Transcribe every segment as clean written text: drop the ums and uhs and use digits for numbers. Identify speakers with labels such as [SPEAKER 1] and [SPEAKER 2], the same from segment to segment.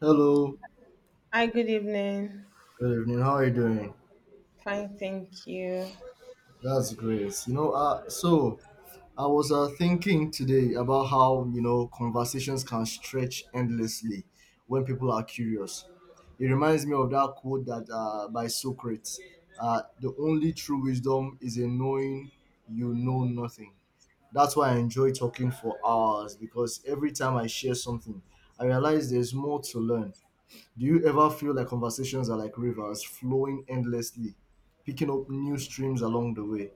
[SPEAKER 1] Hello,
[SPEAKER 2] Hi, good evening.
[SPEAKER 1] good evening. How are you doing?
[SPEAKER 2] Fine, thank you.
[SPEAKER 1] That's great. So I was thinking today about how, conversations can stretch endlessly when people are curious. It reminds me of that quote that by Socrates, the only true wisdom is in knowing you know nothing. That's why I enjoy talking for hours because every time I share something, I realize there's more to learn. Do you ever feel like conversations are like rivers flowing endlessly, picking up new streams along the way?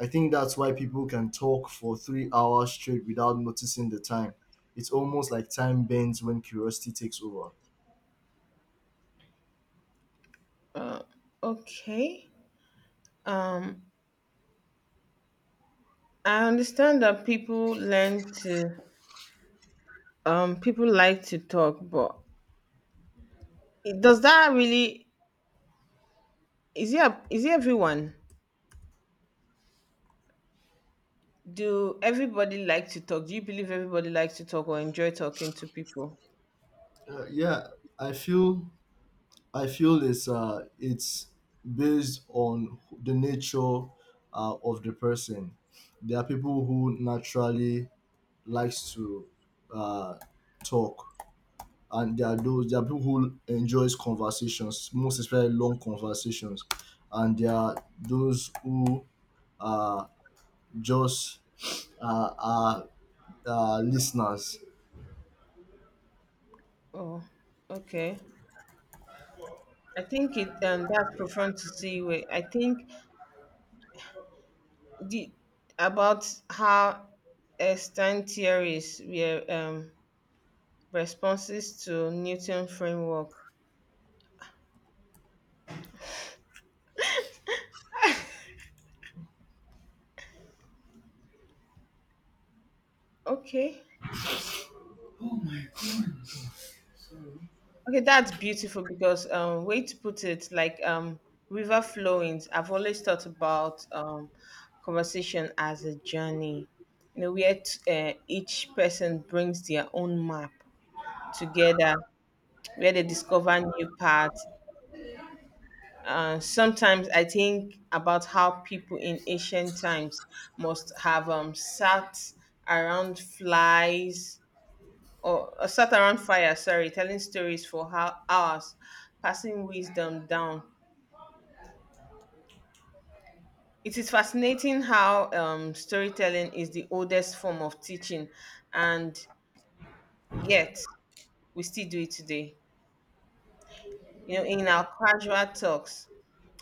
[SPEAKER 1] I think that's why people can talk for 3 hours straight without noticing the time. It's almost like time bends when curiosity takes over.
[SPEAKER 2] Uh, okay. Um, I understand that people learn to, people like to talk, but does that really, is it, is it everyone? Do everybody like to talk? Do you believe everybody likes to talk or enjoy talking to people?
[SPEAKER 1] Yeah, I feel I feel it's based on the nature of the person. There are people who naturally likes to uh, talk, and there are people who enjoys conversations, most especially long conversations, and there are those who are just are listeners.
[SPEAKER 2] Oh, okay. I think that's profound to see. Where I think the, about how extent theories were, responses to Newton framework. Okay. Okay, that's beautiful because way to put it, like river flowings. I've always thought about conversation as a journey. You know, where each person brings their own map together, where they discover new paths. Sometimes I think about how people in ancient times must have sat around flies or sat around fire, sorry, telling stories for hours, passing wisdom down. It is fascinating how storytelling is the oldest form of teaching, and yet we still do it today. You know, in our casual talks,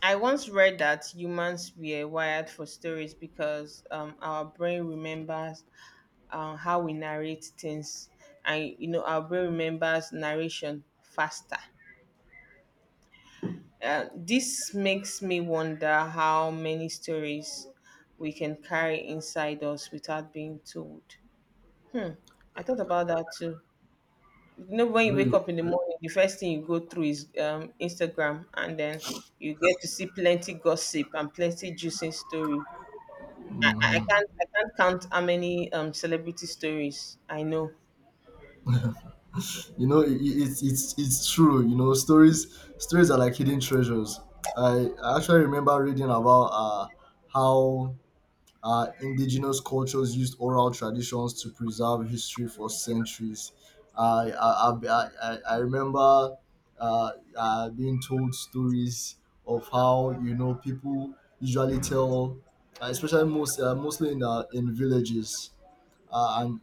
[SPEAKER 2] I once read that humans were wired for stories because our brain remembers how we narrate things, and you know, our brain remembers narration faster. This makes me wonder how many stories we can carry inside us without being told. I thought about that too. You know, when you wake
[SPEAKER 1] Really.
[SPEAKER 2] up in the morning, the first thing you go through is Instagram, and then you get to see plenty gossip and plenty juicy story. I can't I can't count how many celebrity stories I know.
[SPEAKER 1] It, it, it's true. Stories are like hidden treasures. I actually remember reading about how indigenous cultures used oral traditions to preserve history for centuries. I remember uh, being told stories of how people usually tell, especially mostly in villages, and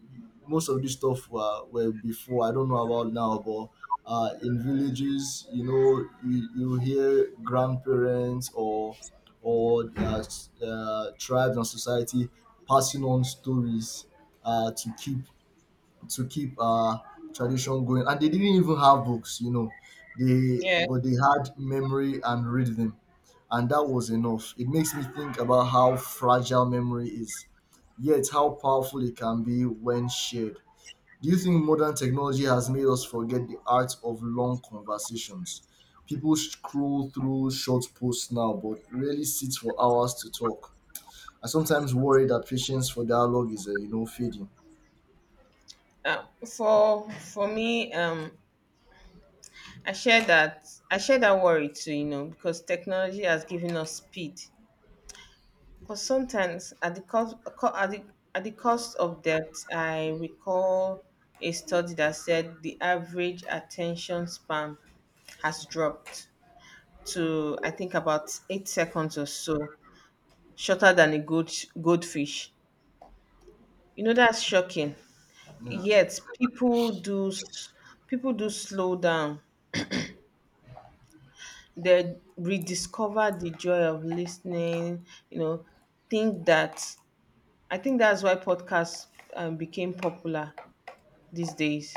[SPEAKER 1] most of this stuff were before I don't know about now, but in villages, you hear grandparents or tribes and society passing on stories, uh, to keep to keep our tradition going. And they didn't even have books. They
[SPEAKER 2] Yeah.
[SPEAKER 1] but they had memory and rhythm, and that was enough. It makes me think about how fragile memory is, yet how powerful it can be when shared. Do you think modern technology has made us forget the art of long conversations? People scroll through short posts now, but rarely sit for hours to talk. I sometimes worry that patience for dialogue is, fading.
[SPEAKER 2] For me, I share that I share that worry too, you know, because technology has given us speed. But sometimes, at the cost co- at the cost of depth, I recall a study that said the average attention span has dropped to I think about 8 seconds or so, shorter than a goldfish. You know that's shocking.
[SPEAKER 1] Yeah.
[SPEAKER 2] Yet people people do slow down. They rediscover the joy of listening. You know, think that I think that's why podcasts became popular these days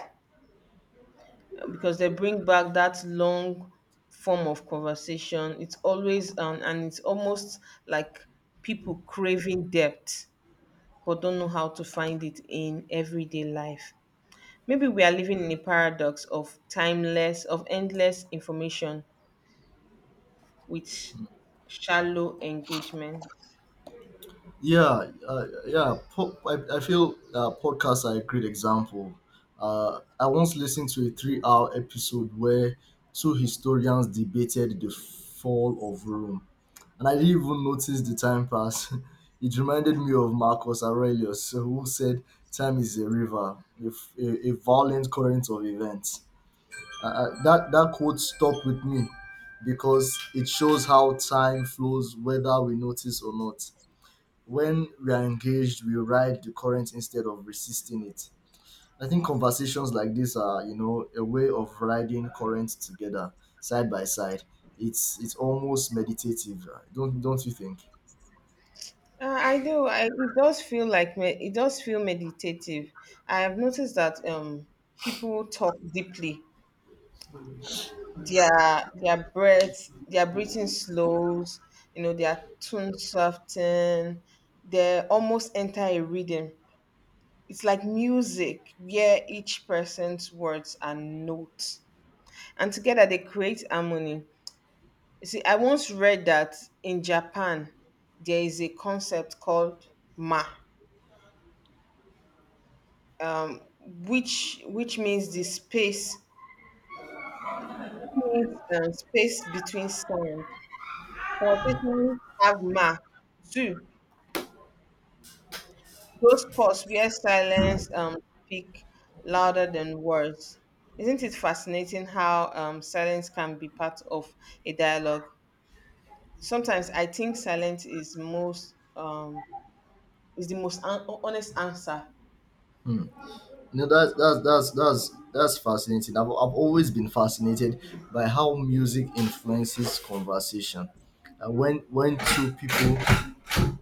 [SPEAKER 2] because they bring back that long form of conversation. It's always and it's almost like people craving depth but don't know how to find it in everyday life. Maybe we are living in a paradox of endless information with shallow engagement.
[SPEAKER 1] Yeah, yeah. I feel podcasts are a great example. I once listened to a 3-hour episode where two historians debated the fall of Rome, and I didn't even notice the time pass. It reminded me of Marcus Aurelius, who said, "Time is a river, a violent current of events." That quote stuck with me because it shows how time flows, whether we notice or not. When we are engaged, we ride the current instead of resisting it. I think conversations like this are, a way of riding currents together, side by side. It's almost meditative. Don't you think?
[SPEAKER 2] I do. I, it does feel like me, it does feel meditative. I have noticed that people talk deeply, their breath, their breathing slows, you know, their tone soften, they almost enter a rhythm. It's like music where each person's words are notes. And together they create harmony. You see, I once read that in Japan there is a concept called ma, which means the space means space between sound. Conversations have ma too. Those spots where silence speak louder than words. Isn't it fascinating how silence can be part of a dialogue? Sometimes I think silence is most is the most honest answer.
[SPEAKER 1] No, that's fascinating. I've always been fascinated by how music influences conversation. Uh, when when two people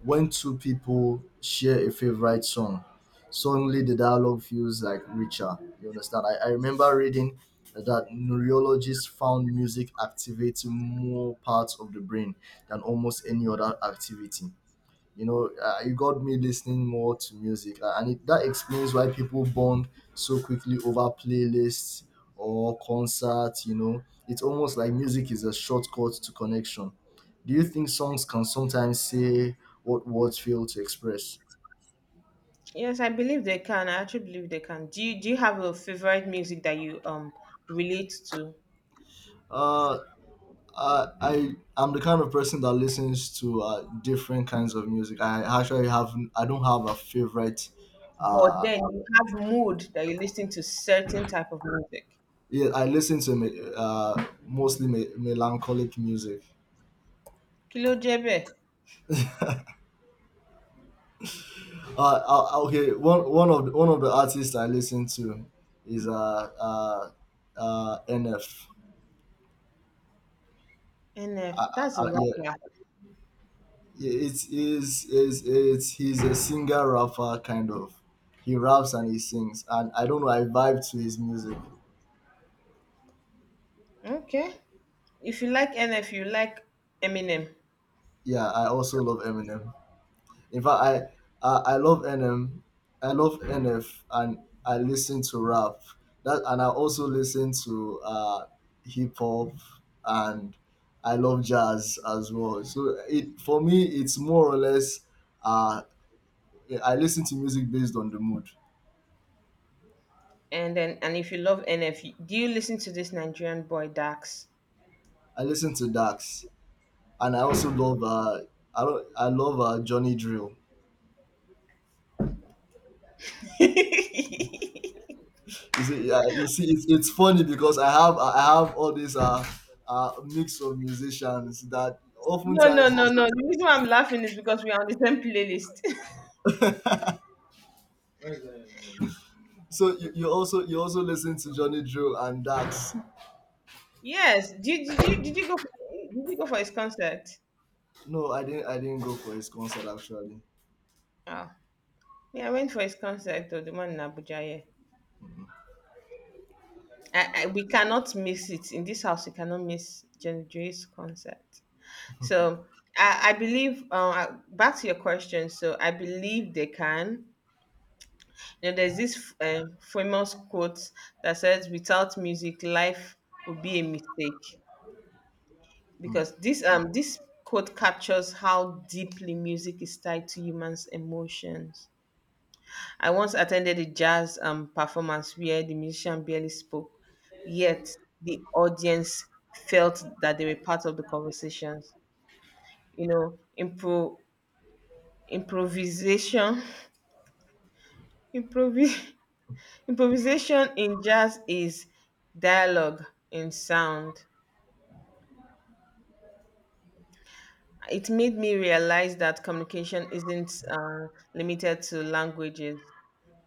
[SPEAKER 1] when two people share a favorite song, suddenly the dialogue feels like richer. You understand? I remember reading that neurologists found music activating more parts of the brain than almost any other activity. It got me listening more to music, and that explains why people bond so quickly over playlists or concerts. It's almost like music is a shortcut to connection. Do you think songs can sometimes say what words fail to express?
[SPEAKER 2] Yes, I believe they can. I actually believe they can. Do you have a favorite music that you relate to?
[SPEAKER 1] Uh I, I I'm the kind of person that listens to different kinds of music. I actually have. I don't have a favorite.
[SPEAKER 2] But
[SPEAKER 1] Uh,
[SPEAKER 2] then you have mood that you listen to certain type of music.
[SPEAKER 1] yeah, I listen to melancholic music.
[SPEAKER 2] Kilo Jebe,
[SPEAKER 1] uh, okay, one of the artists I listen to is uh NF.
[SPEAKER 2] NF,
[SPEAKER 1] uh,
[SPEAKER 2] that's a
[SPEAKER 1] yeah,
[SPEAKER 2] rapper.
[SPEAKER 1] it's is it's he's a singer rapper kind of. He raps and he sings, and I don't know, I vibe to his music.
[SPEAKER 2] Okay. If you like NF, you like Eminem.
[SPEAKER 1] Yeah, I also love Eminem. In fact, I love NM, I love NF, and I listen to rap. That, and I also listen to hip hop, and I love jazz as well. So it for me, it's more or less. Uh, I listen to music based on the mood.
[SPEAKER 2] And then and if you love NF, do you listen to this Nigerian boy Dax?
[SPEAKER 1] I listen to Dax, and I also
[SPEAKER 2] So,
[SPEAKER 1] love. I don't. I love Johnny Drill. You see, yeah, you see, it's funny because I have all these mix of musicians that
[SPEAKER 2] no, no,
[SPEAKER 1] oftentimes you
[SPEAKER 2] no,
[SPEAKER 1] see.
[SPEAKER 2] no. The reason why I'm laughing is because we are on the same playlist.
[SPEAKER 1] So you also listen to Johnny Drew and Dax.
[SPEAKER 2] Yes. Did you go for his concert?
[SPEAKER 1] No, I didn't go for his concert actually.
[SPEAKER 2] Oh. Yeah, I went for his concert though, the one in Abuja, yeah. I, we cannot miss it. In this house, we cannot miss Jenny J's concert. So I believe, back to your question, so I believe they can. You know, there's this famous quote that says, without music, life would be a mistake. Because this quote captures how deeply music is tied to humans' emotions. I once attended a jazz performance where the musician barely spoke, yet the audience felt that they were part of the conversations. You know, improvisation improvis- improvisation in jazz is dialogue in sound. It made me realize that communication isn't limited to languages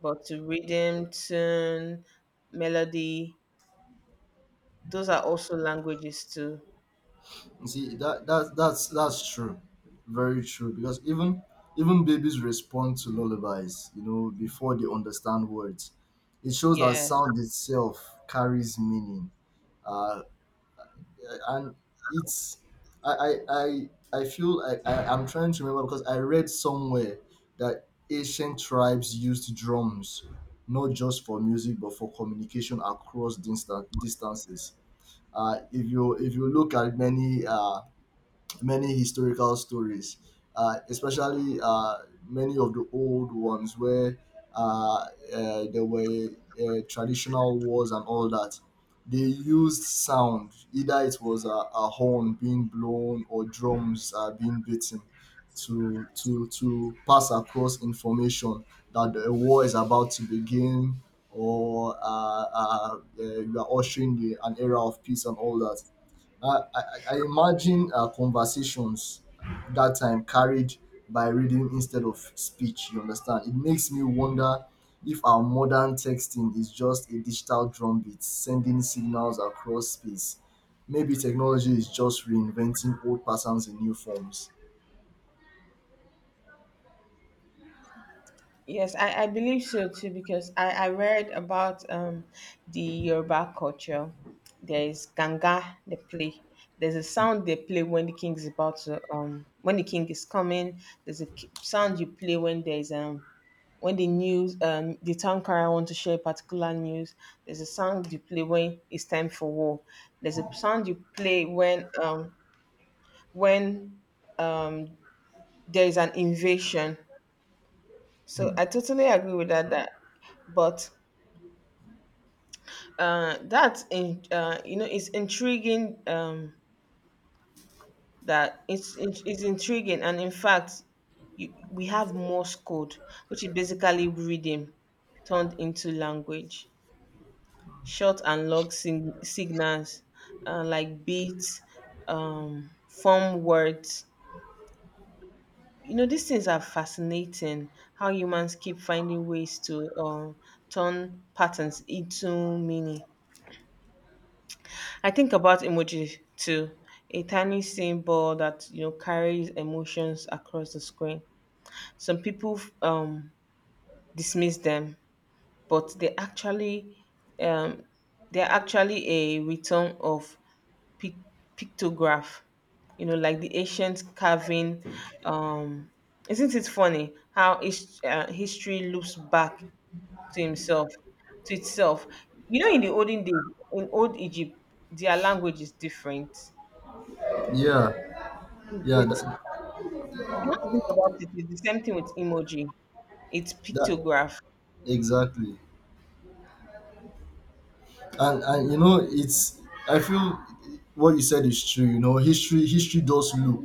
[SPEAKER 2] but to rhythm, tune, melody. Those are also languages too.
[SPEAKER 1] You see that's true, very true, because even babies respond to lullabies. Before they understand words, it shows that
[SPEAKER 2] Yeah.
[SPEAKER 1] sound itself carries meaning. Uh, and it's I I I, I feel I'm trying to remember because I read somewhere that ancient tribes used drums not just for music but for communication across distances. If you look at many, many historical stories, especially, many of the old ones where, uh, there were, traditional wars and all that. They used sound, either it was a horn being blown or drums being beaten, to pass across information that a war is about to begin, or you are ushering an era of peace and all that. I, I, I imagine conversations that time carried by reading instead of speech, you understand? It makes me wonder if our modern texting is just a digital drumbeat sending signals across space. Maybe technology is just reinventing old patterns in new forms.
[SPEAKER 2] Yes, I believe so too because I read about the Yoruba culture. There is ganga they play. There's a sound they play when the king is about to when the king is coming. There's a sound you play when there's when the news the town crier want to share particular news. There's a sound you play when it's time for war. There's a sound you play when um there is an invasion. So I totally agree with that. That, but That's in you know it's intriguing. That It's intriguing, and in fact, you, we have Morse code, which is basically reading turned into language, short and long signals, like beats, form words. You know these things are fascinating. How humans keep finding ways to turn patterns into meaning. I think about emoji too. A tiny symbol that you know carries emotions across the screen. Some people dismiss them, but um, they're actually a return of pic- pictograph. You know, like the ancient carving. Um, isn't it funny how history loops back to himself, to itself? You know, in the olden days, in old Egypt, their language is different.
[SPEAKER 1] Yeah, yeah,
[SPEAKER 2] It's
[SPEAKER 1] that,
[SPEAKER 2] not, think about it. It's the same thing with emoji. It's
[SPEAKER 1] that
[SPEAKER 2] pictograph.
[SPEAKER 1] exactly. And you know it's I feel what you said is true. History does loop.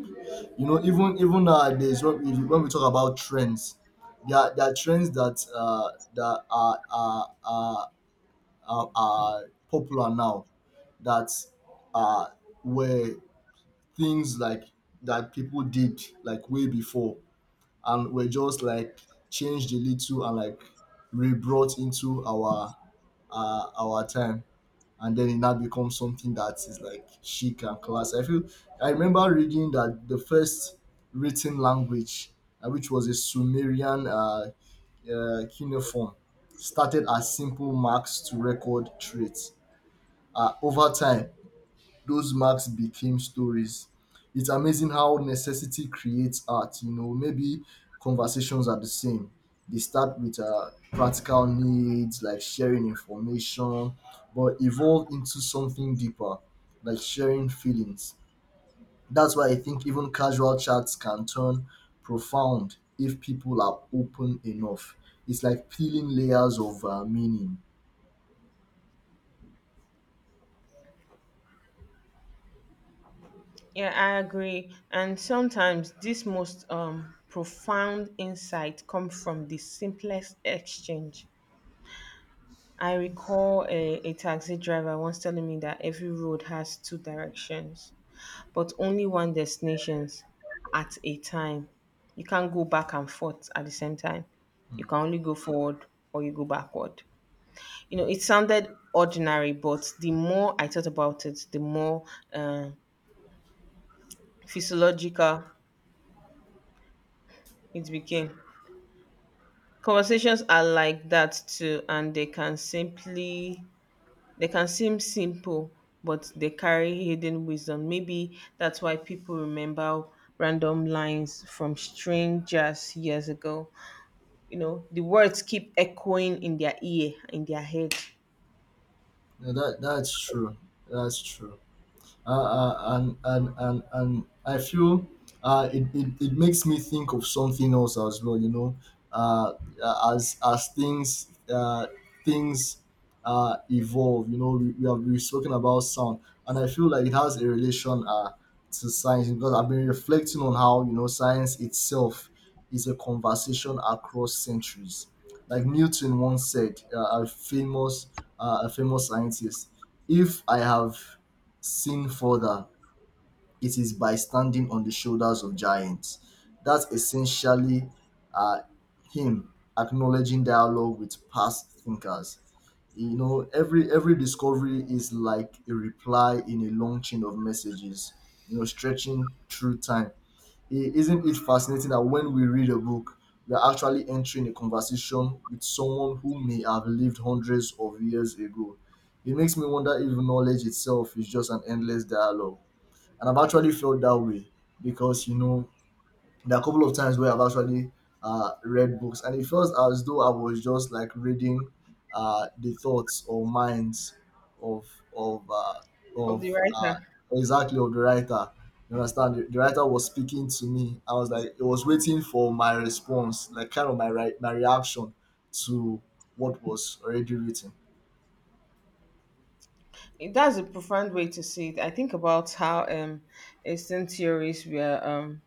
[SPEAKER 1] Even nowadays, when we talk about trends, there are trends that are popular now that uh were things like that people did like way before, and were just like changed a little and like rebrought into our time, and then it now becomes something that is like chic and class. I feel I remember reading that the first written language, which was a Sumerian, cuneiform, started as simple marks to record traits. Over time, those marks became stories. It's amazing how necessity creates art. Maybe conversations are the same. They start with practical needs like sharing information, but evolve into something deeper, like sharing feelings. That's why I think even casual chats can turn profound if people are open enough. It's like peeling layers of meaning.
[SPEAKER 2] Yeah, I agree. And sometimes this most profound insight comes from the simplest exchange. I recall a taxi driver once telling me that every road has two directions, but only one destination at a time. You can't go back and forth at the same time. You can only go forward or you go backward. You know, it sounded ordinary, but the more I thought about it, the more uh, physiological it became. Conversations are like that too, and they can seem simple, but they carry hidden wisdom. Maybe that's why people remember random lines from strangers years ago. You know, the words keep echoing in their ear, in their head
[SPEAKER 1] Yeah, that's true. That's true. And I feel, it makes me think of something else as well. Uh, as things, things evolve. We have been spoken about sound, and I feel like it has a relation, to science because I've been reflecting on how science itself is a conversation across centuries. Like Newton once said, a famous scientist, if I have seen further, it is by standing on the shoulders of giants. That's essentially uh, him acknowledging dialogue with past thinkers. Every discovery is like a reply in a long chain of messages. Stretching through time. Isn't it fascinating that when we read a book, we are actually entering a conversation with someone who may have lived hundreds of years ago? It makes me wonder if knowledge itself is just an endless dialogue. And I've actually felt that way because there are a couple of times where I've actually read books, and it felt as though I was just like reading the thoughts or minds of of uh,
[SPEAKER 2] of the
[SPEAKER 1] of,
[SPEAKER 2] writer.
[SPEAKER 1] exactly, of the writer. You understand? The writer was speaking to me. I was like, it was waiting for my response, like kind of my reaction to what was already written.
[SPEAKER 2] That's a profound way to see it. I think about how Eastern theories were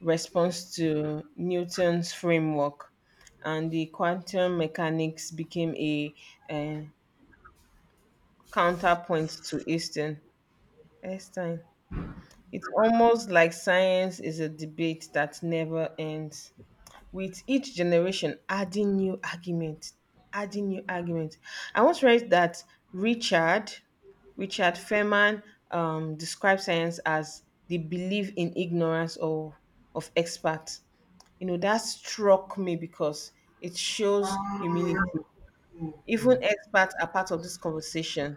[SPEAKER 2] response to Newton's framework, and the quantum mechanics became a, uh counterpoint to Eastern. Einstein. It's almost like science is a debate that never ends, with each generation adding new argument adding new argument. I once read that richard Richard Feynman described science as the belief in ignorance of experts. You know, that struck me because it shows humility. Even experts are part of this conversation.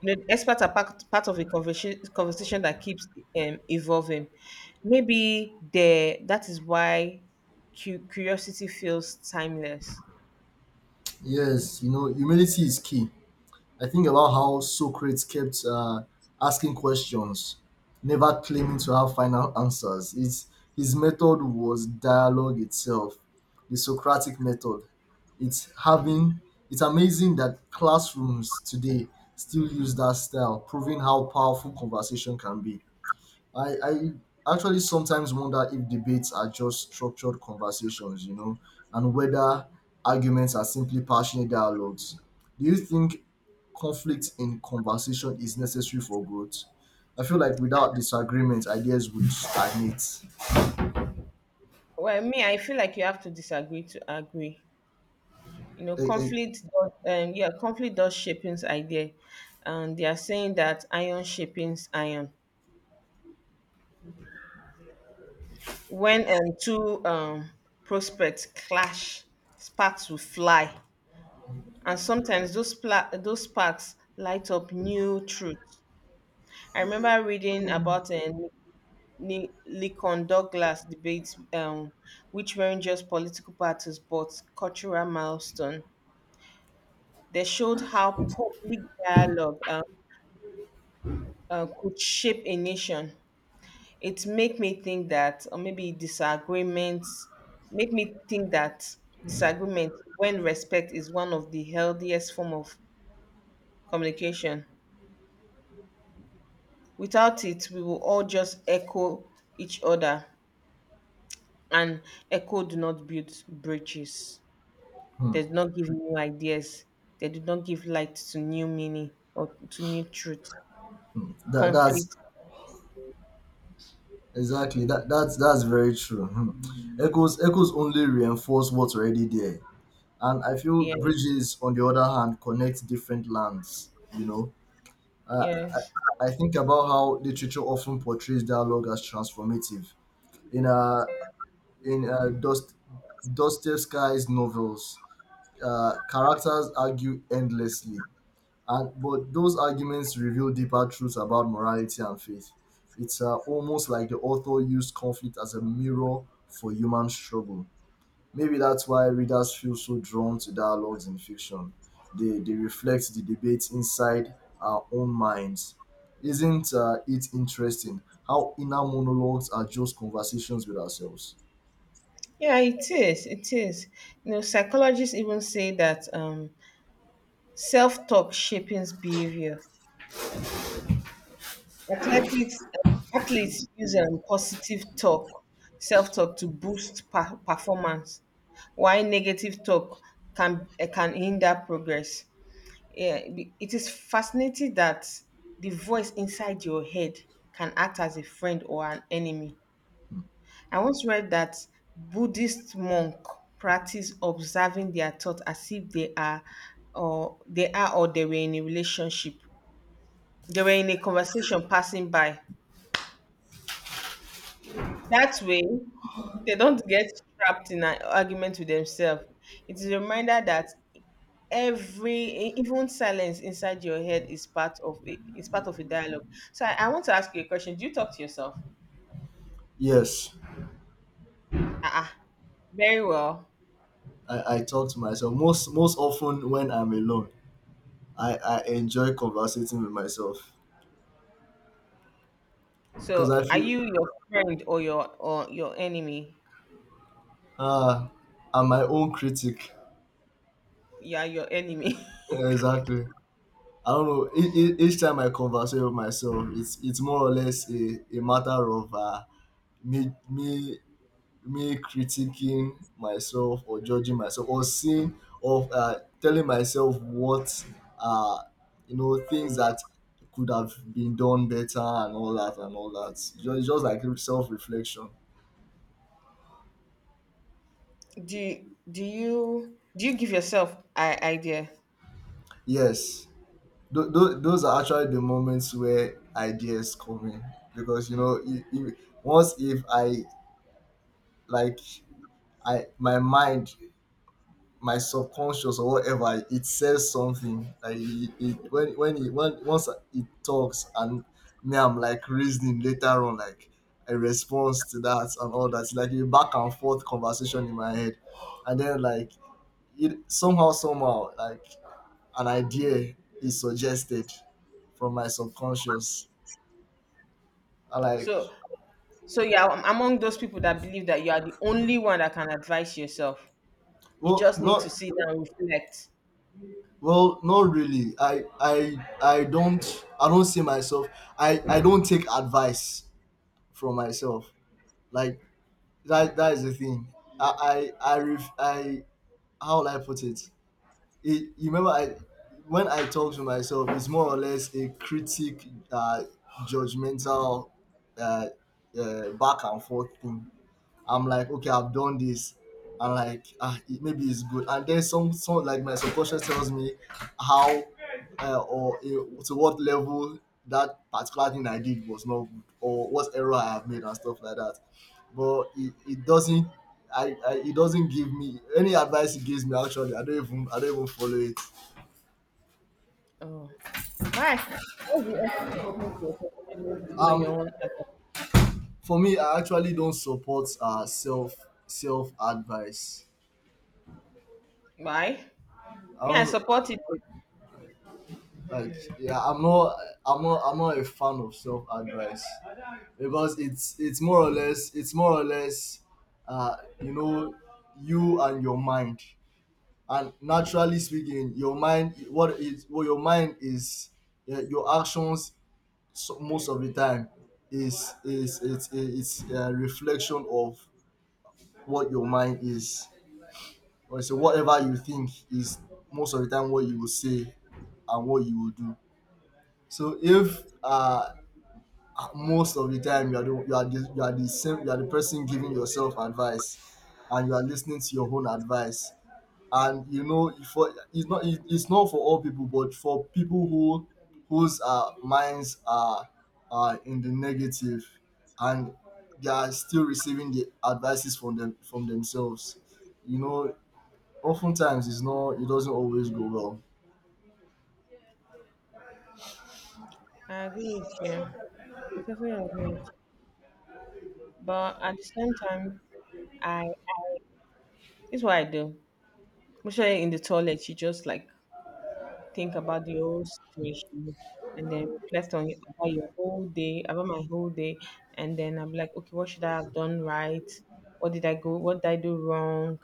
[SPEAKER 2] You know, experts are part of a conversation that keeps evolving. Maybe the that is why curiosity feels timeless.
[SPEAKER 1] Yes, humility is key. I think about how Socrates kept asking questions, never claiming to have final answers. His method was dialogue itself, the Socratic method. It's having it's amazing that classrooms today still use that style, proving how powerful conversation can be. I, I actually sometimes wonder if debates are just structured conversations, and whether arguments are simply passionate dialogues. Do you think conflict in conversation is necessary for growth? I feel like without disagreement, ideas would stagnate.
[SPEAKER 2] Well, me, I feel like you have to disagree to agree. You know,
[SPEAKER 1] Eh, eh,
[SPEAKER 2] conflict. Conflict does shaping's idea, and they are saying that iron shaping's iron. When two prospects clash, sparks will fly, and sometimes those sparks light up new truth. I remember reading about a Lincoln Douglas debate, which weren't just political parties but cultural milestone. They showed how public dialogue could shape a nation. It made me think that, or maybe disagreements, make me think that disagreement, when respect is one of the healthiest form of communication. Without it, we will all just echo each other. And echo do not build bridges. They do not give new ideas. They do not give light to new meaning or to new truth.
[SPEAKER 1] that's
[SPEAKER 2] Conflict.
[SPEAKER 1] exactly that. That's very true. Hmm. Echoes only reinforce what's already there, and I feel
[SPEAKER 2] Yes.
[SPEAKER 1] bridges, on the other hand, connect different lands. You know, uh,
[SPEAKER 2] Yes.
[SPEAKER 1] I think about how literature often portrays dialogue as transformative. In in uh, Dost, Dostoevsky's novels, characters argue endlessly, and but those arguments reveal deeper truths about morality and faith. It's almost like the author used conflict as a mirror for human struggle. Maybe that's why readers feel so drawn to dialogues in fiction. They reflect the debates inside our own minds. Isn't it interesting how inner monologues are just conversations with ourselves?
[SPEAKER 2] Yeah, it is. It is. You know, psychologists even say that self-talk shapes behavior. Athletics Athletes use positive talk, self-talk to boost performance, while negative talk can hinder progress. Yeah, it is fascinating that the voice inside your head can act as a friend or an enemy. I once read that Buddhist monks practice observing their thoughts as if they are or they are or they were in a relationship. They were in a conversation passing by. That way, they don't get trapped in an argument with themselves. It is a reminder that every even silence inside your head is part of is part of a dialogue. So I want to ask you a question, do you talk to yourself?
[SPEAKER 1] Yes,
[SPEAKER 2] Ah, uh, very well.
[SPEAKER 1] I talk to myself most often when I'm alone. I enjoy conversating with myself because
[SPEAKER 2] So
[SPEAKER 1] I
[SPEAKER 2] are
[SPEAKER 1] feel
[SPEAKER 2] you your friend or your enemy?
[SPEAKER 1] ah I'm my own critic.
[SPEAKER 2] Yeah, your enemy.
[SPEAKER 1] Yeah, exactly. I don't know. Each time I converse with myself, it's more or less a matter of me me me critiquing myself or judging myself or seeing or telling myself what uh you know things that could have been done better and all that and all that. Just like self reflection.
[SPEAKER 2] Do you give yourself an idea?
[SPEAKER 1] Yes. Those are actually the moments where ideas come in because you know if, once if I like I my mind, my subconscious or whatever, it says something like it, when it when, once it talks and me, I'm like reasoning later on like a response to that and all that. It's like a back and forth conversation in my head, and then like it somehow like an idea is suggested from my subconscious. I like,
[SPEAKER 2] So, so yeah, I'm among those people that believe that you are the only one that can advise yourself. You
[SPEAKER 1] well
[SPEAKER 2] just need to
[SPEAKER 1] not
[SPEAKER 2] sit down and reflect.
[SPEAKER 1] well not really. I don't see myself. I don't take advice from myself. Like, that is the thing. I, ref, I how will I put it? It? You remember, I when I talk to myself, it's more or less a critic, judgmental, uh, back and forth thing. I'm like, okay, I've done this, and like, ah, it, maybe it's good. And then some like my subconscious tells me how or to what level that particular thing I did was not good, or what error I have made and stuff like that. But it doesn't give me any advice. It gives me actually, I don't even follow it.
[SPEAKER 2] Oh, why? What's the essence of talking to yourself when you're not able to follow your
[SPEAKER 1] Um,
[SPEAKER 2] own?
[SPEAKER 1] for me, I actually don't support self self advice.
[SPEAKER 2] Why?
[SPEAKER 1] I
[SPEAKER 2] Me, I
[SPEAKER 1] don't.
[SPEAKER 2] support it.
[SPEAKER 1] Like, yeah, I'm not a fan of self advice because it's more or less, you know, you and your mind, and naturally speaking, your mind, what is what your mind is, your actions. So most of the time is it's a reflection of what your mind is. Or so whatever you think is most of the time what you will say and what you will do. So if most of the time you are the, you are the, you are the same you are the person giving yourself advice and you are listening to your own advice. And you know, for it's not, it's not for all people, but for people who, whose minds are in the negative and they are still receiving the advices from them from themselves, you know, oftentimes it's not, it doesn't always go well.
[SPEAKER 2] I agree with you. I totally agree with you. But at the same time, I this is what I do. Especially in the toilet, you just like think about the whole situation and then reflect on it about your whole day, about my whole day, and then I'm like, okay, what should I have done right? What did I go? What did I do wrong?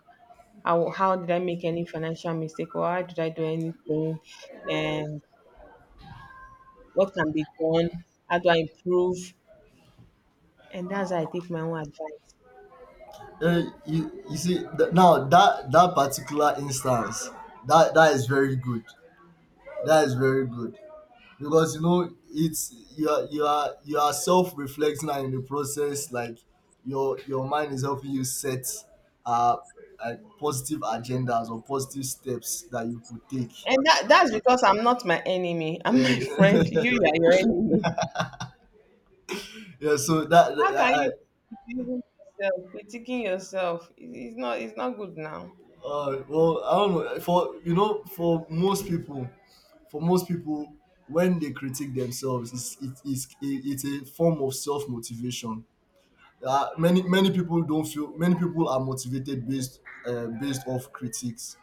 [SPEAKER 2] How did I make any financial mistake or how did I do anything? And what can be done? How do I improve? And that's how I take my own advice.
[SPEAKER 1] Eh, you see, now that that particular instance, that is very good. That is very good, because you know it's, you are self reflecting, and in the process, like, your mind is helping you set uh like positive agendas or positive steps that you could take.
[SPEAKER 2] And that, that's because I'm not my enemy. I'm my
[SPEAKER 1] And
[SPEAKER 2] friend. You are your enemy.
[SPEAKER 1] yeah, so that
[SPEAKER 2] How can
[SPEAKER 1] I
[SPEAKER 2] you be critiquing yourself? Critiquing yourself. It- it's not good now.
[SPEAKER 1] well, I don't know, for you know, for most people for most people, when they critique themselves, it's a form of self motivation. Many people don't feel, many people are motivated based off critics,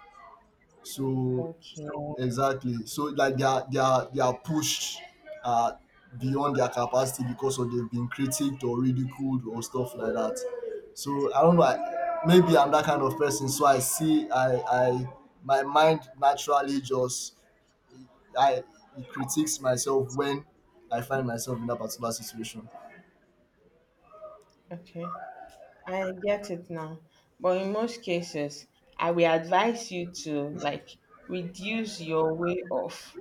[SPEAKER 1] so
[SPEAKER 2] Okay.
[SPEAKER 1] exactly, so like they are pushed uh, beyond their capacity because of, they've been critiqued or ridiculed or stuff like that. So I don't know, maybe I'm that kind of person, so I see I my mind naturally just I it critiques myself when I find myself in that particular situation.
[SPEAKER 2] Okay. I get it now. But in most cases, I will advise you to like reduce your way of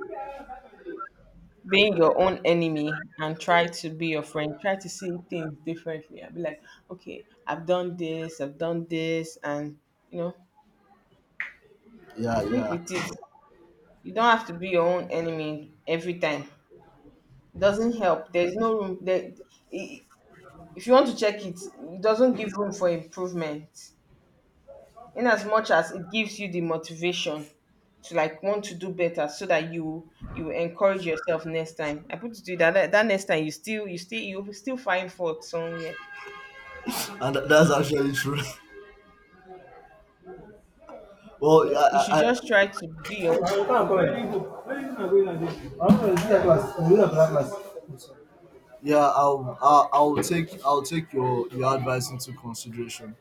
[SPEAKER 2] being your own enemy and try to be your friend. Try to see things differently. I'll be like, okay, I've done this, and you know,
[SPEAKER 1] Yeah,
[SPEAKER 2] live
[SPEAKER 1] yeah.
[SPEAKER 2] with it. You don't have to be your own enemy every time. It doesn't help. There's no room there. i- if you want to check it, it doesn't give room for improvement. In as much as it gives you the motivation to like want to do better so that you encourage yourself next time, I put it to you that next time you still you still you will still find fault somewhere.
[SPEAKER 1] And that's actually true. Well,
[SPEAKER 2] So you should just try to be your own
[SPEAKER 1] yeah, I'll take your advice into consideration.